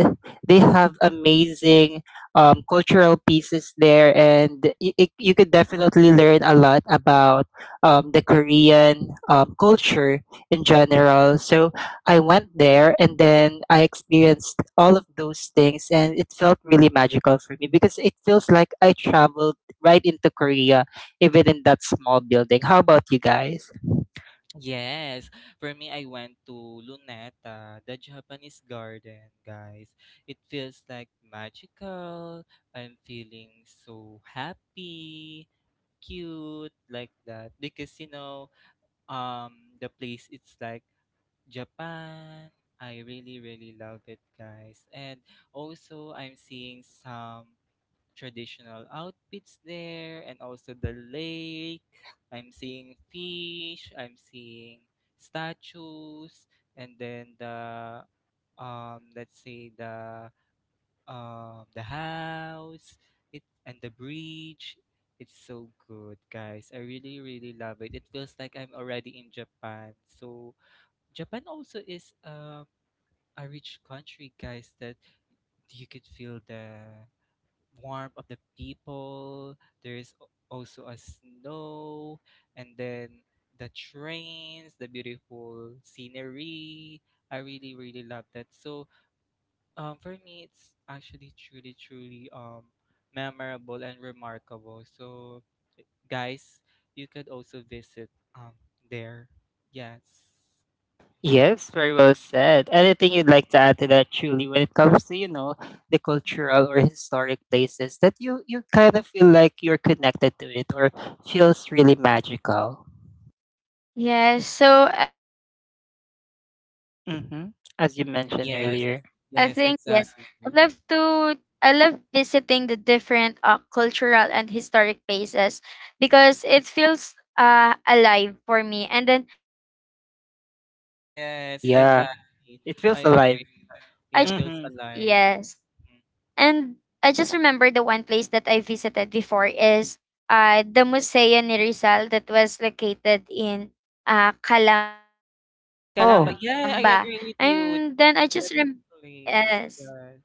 [SPEAKER 1] they have amazing cultural pieces there, and you could definitely learn a lot about the Korean culture in general. So I went there, and then I experienced all of those things, and it felt really magical for me because it feels like I traveled right into Korea, even in that small building. How about you guys?
[SPEAKER 2] Yes, for me, I went to Luneta, the Japanese garden, guys. It feels like magical. I'm feeling so happy, cute, like that. Because, you know, the place, it's like Japan. I really, really love it, guys. And also, I'm seeing some traditional outfits there and also the lake. I'm seeing fish, I'm seeing statues, and then the let's say the house it and the bridge. It's so good, guys. I really really love it. It feels like I'm already in Japan. So Japan also is a rich country, guys, that you could feel the warmth of the people. There's al- also a snow, and then the trains, the beautiful scenery. I really, really love that. So, for me, it's actually truly, truly memorable and remarkable. So, guys, you could also visit um there. Yes.
[SPEAKER 1] Yes, very well said. Anything you'd like to add to that, truly, when it comes to, you know, the cultural or historic places that you kind of feel like you're connected to it, or feels really magical? Mm-hmm. As you mentioned
[SPEAKER 2] Yes.
[SPEAKER 1] earlier.
[SPEAKER 2] Yes, exactly.
[SPEAKER 1] Oh,
[SPEAKER 2] Yes,
[SPEAKER 1] yeah.
[SPEAKER 2] exactly.
[SPEAKER 1] It
[SPEAKER 2] I
[SPEAKER 1] feels alive.
[SPEAKER 2] agree. Yeah, feels
[SPEAKER 1] Mm-hmm.
[SPEAKER 2] alive. Mhm. Yes, Kalamba.
[SPEAKER 1] Oh,
[SPEAKER 2] Yeah, I agree with you. It's the best place. Yes.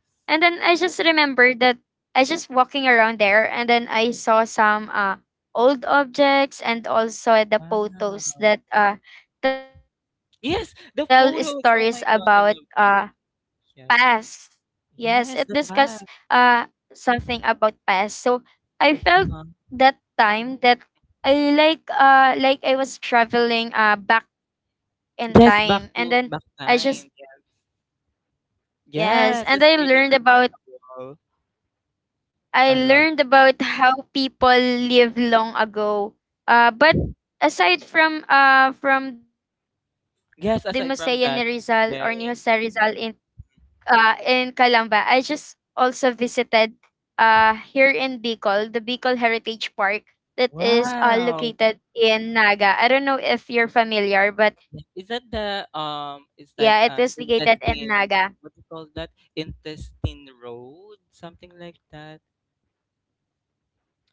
[SPEAKER 2] Wow. Yes, the photos. Oh my God, I love it. Yes. Yes, the past. Uh-huh. Yes, back to back time. Yes, that's really remarkable. I love it. Yes, aside from that. Yes. Mhm. Wow. Yeah. Is that the It's like intestine. What do you call that? Intestine road, something like that.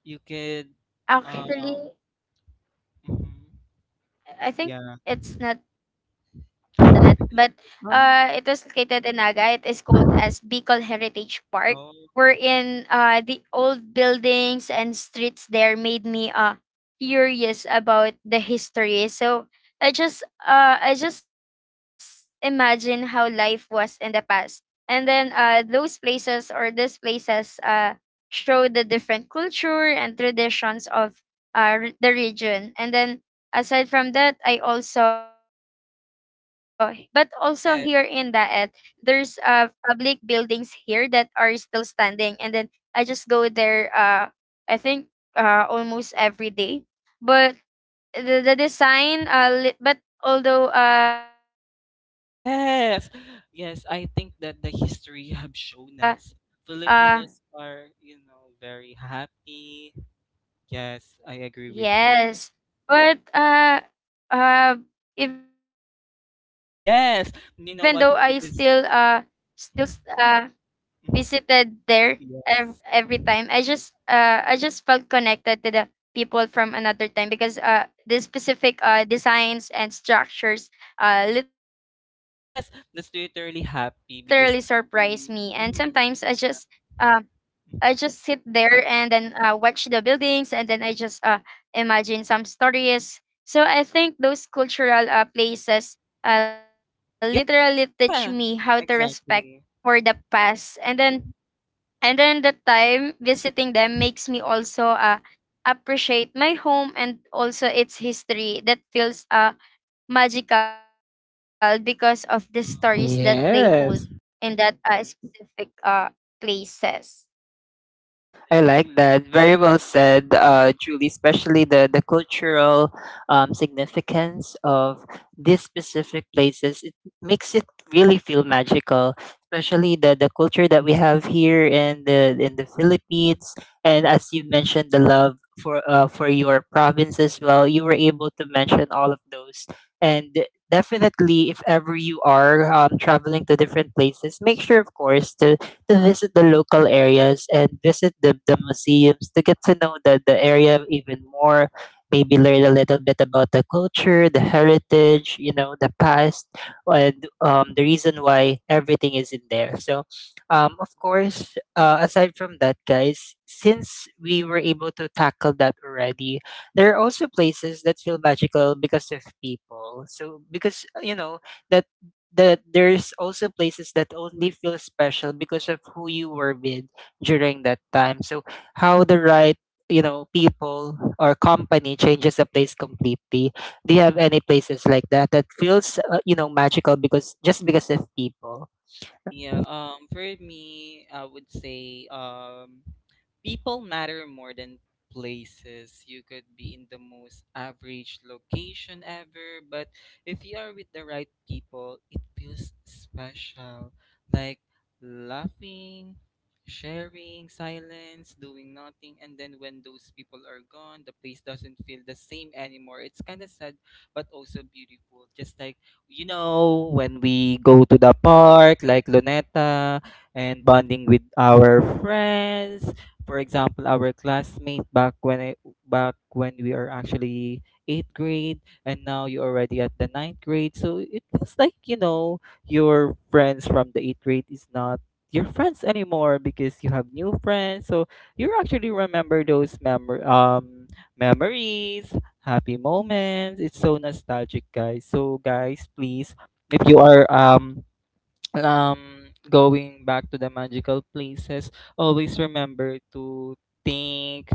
[SPEAKER 2] You could, um, mhm. Yeah. Oh, oh, oh, I- yeah. Yes, yes. I think that the history have shown us Filipinos are, you know, very happy. Yes, I agree with you. Yes, you know what? Because mm, yes. Yes, that's literally happy because the m mhm. Yeah, yeah, exactly.
[SPEAKER 1] yes. I like that. Very well said, Julie, especially the cultural significance of these specific places. It makes it really feel magical, especially the culture that we have here in the Philippines. And as you mentioned, the love for your province as well. You were able to mention all of those. And definitely, if ever you are traveling to different places, make sure, of course, to visit the local areas and visit the museums to get to know the area even more, maybe learn a little bit about the culture, the heritage, you know, the past, and the reason why everything is in there. So of course, aside from that, guys, since we were able to tackle that already, there are also places that feel magical because of people. So because you know that there's also places that only feel special because of who you were with during that time. So how the right you know people or company changes a place completely. Do you have any places like that that feels you know magical because just because of people?
[SPEAKER 2] Yeah, for me, I would say people matter more than places. You could be in the most average location ever, but if you are with the right people, it feels special. Like laughing, sharing, silence, doing nothing, and then when those people are gone, the place doesn't feel the same anymore. It's kind of sad, but also beautiful. Just like you know, when we go to the park like Luneta and bonding with our friends, for example, our classmate back when we are actually eighth grade and now you're already at the ninth grade. So it feels like, you know, your friends from the eighth grade is not your friends anymore because you have new friends. So you actually remember those memories happy moments. It's so nostalgic, guys. So, guys, please, if you are going back to the magical places always remember to think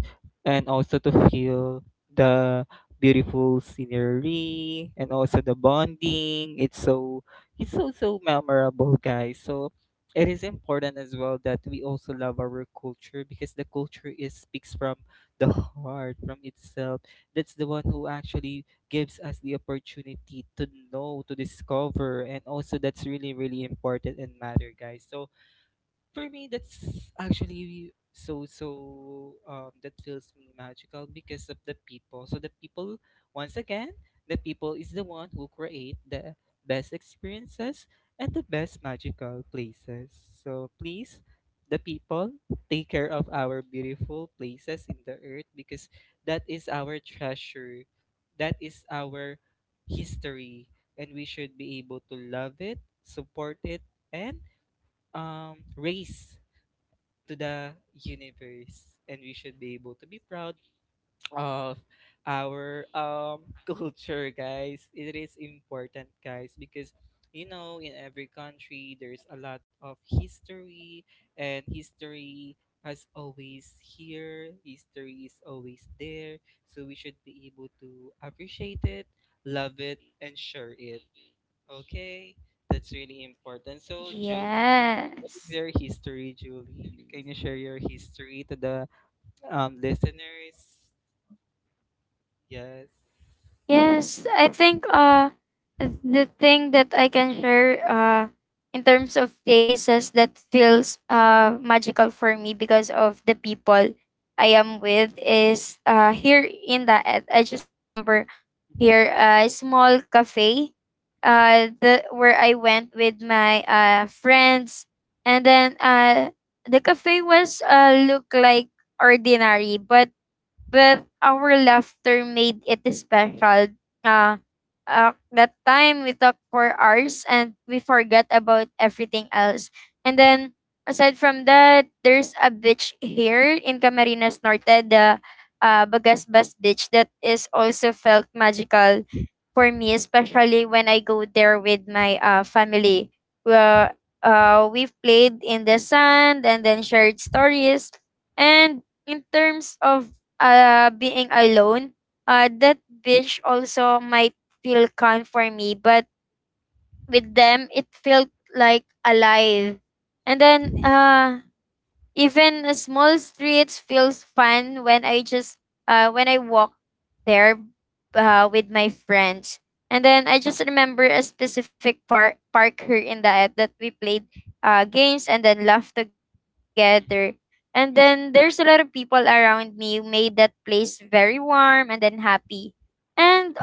[SPEAKER 2] and also to feel the beautiful scenery and also the bonding it's so so memorable guys so it is important as well that we also love our culture because the culture is speaks from the heart from itself that's the one who actually gives us the opportunity to know, to discover, and also that's really, really important and matter, guys. So for me, that's actually so so that feels me magical because of the people. So the people once again, the people is the one who create the best experiences and the best magical places. So please the people take care of our beautiful places in the earth because that is our treasure. That is our history and we should be able to love it, support it and raise to the universe and we should be able to be proud of our culture guys it is important guys because you know in every country there's a lot of history and history has always here history is always there so we should be able to appreciate it love it and share it okay that's really important so Julie is your history, Julie? Can you share your history to the listeners? Yes. Mm-hmm.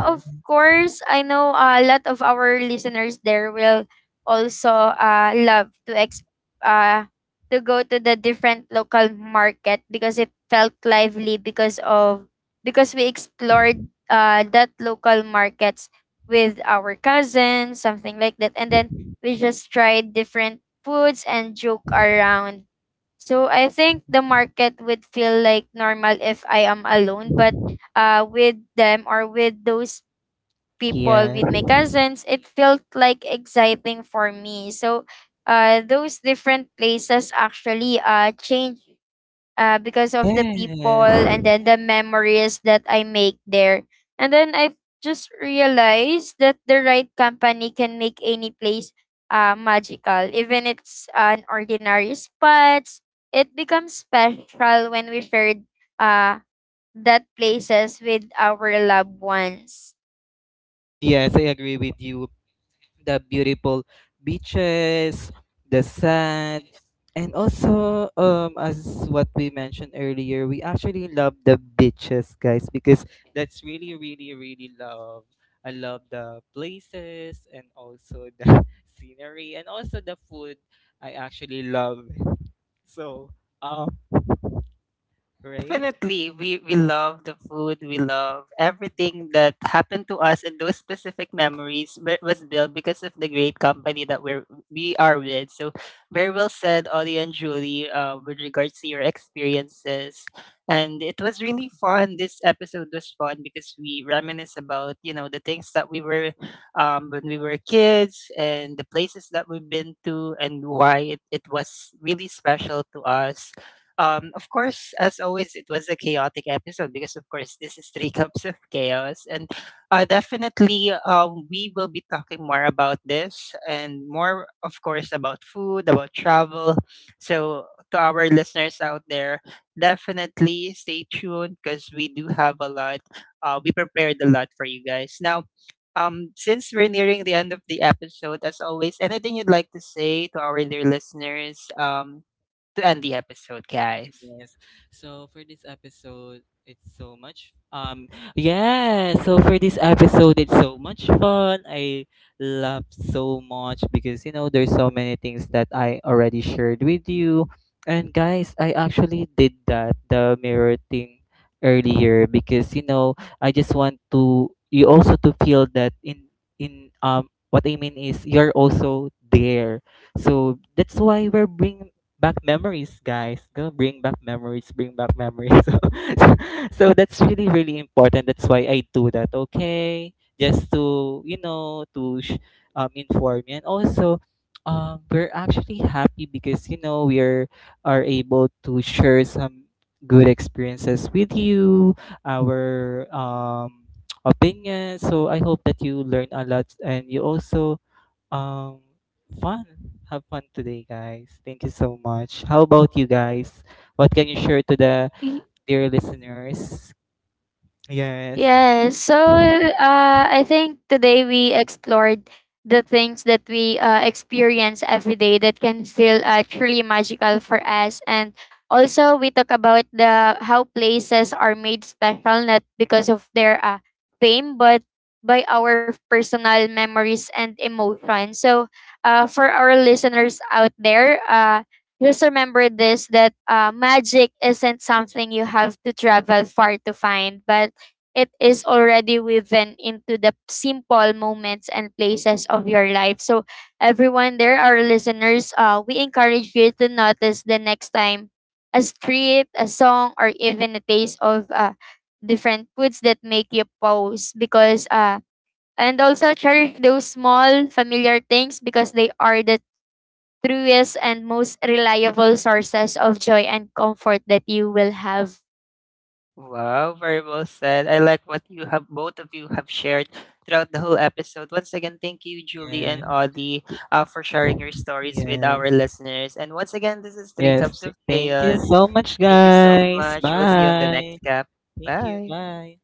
[SPEAKER 2] Mm-hmm. Mm-hmm. Yeah. Yes. Yes. Yes, I agree with you. The beautiful beaches, the sand, and also as what we mentioned earlier, we actually love the beaches, guys, because that's really, really, really love. I love the places and also the scenery and also the food. I actually love it. So um right?
[SPEAKER 1] Definitely, we love the food. We love everything that happened to us, and those specific memories was built because of the great company that we are with. So, very well said, Ollie and Julie, with regards to your experiences. And it was really fun. This episode was fun because we reminisce about you know the things that we were, when we were kids, and the places that we've been to, and why it was really special to us. Of course, as always, it was a chaotic episode because, of course, this is Three Cups of Chaos. And definitely, we will be talking more about this and more, of course, about food, about travel. So, to our listeners out there, definitely stay tuned because we do have a lot. We prepared a lot for you guys. Now, since we're nearing the end of the episode, as always, anything you'd like to say to our dear listeners? To end the episode, guys.
[SPEAKER 2] Yes. So for this episode, it's so much yeah, so for this episode it's so much fun. I laughed so much because you know there's so many things that I already shared with you. And guys, I actually did that the mirror thing earlier because you know, I just want to you also to feel that in what I mean is you're also there. So that's why we're bring back memories, guys. Go bring back memories, bring back memories. So, so, so that's really, really important. That's why I do that, okay? Just to, you know, to inform you. And also, we're actually happy because, you know, are able to share some good experiences with you, our opinions. So I hope that you learn a lot and you also um, fun. Have fun today, guys. Thank you so much. How about you guys? What can you share to the dear listeners? Yes.
[SPEAKER 1] Wow, very well said. I like what you have both of you have shared throughout the whole episode. Once again, thank you, Julie and
[SPEAKER 2] Yes.
[SPEAKER 1] Audie, for sharing your stories with our
[SPEAKER 2] Yes.
[SPEAKER 1] listeners. And once again, this is Three
[SPEAKER 2] Yes.
[SPEAKER 1] Cups of
[SPEAKER 2] Th- Thank you
[SPEAKER 1] Chaos.
[SPEAKER 2] so much,
[SPEAKER 1] Thank you so
[SPEAKER 2] guys.
[SPEAKER 1] much. We'll see you on the next
[SPEAKER 2] Bye.
[SPEAKER 1] cup.
[SPEAKER 2] Thank you.
[SPEAKER 1] Bye.
[SPEAKER 2] Bye.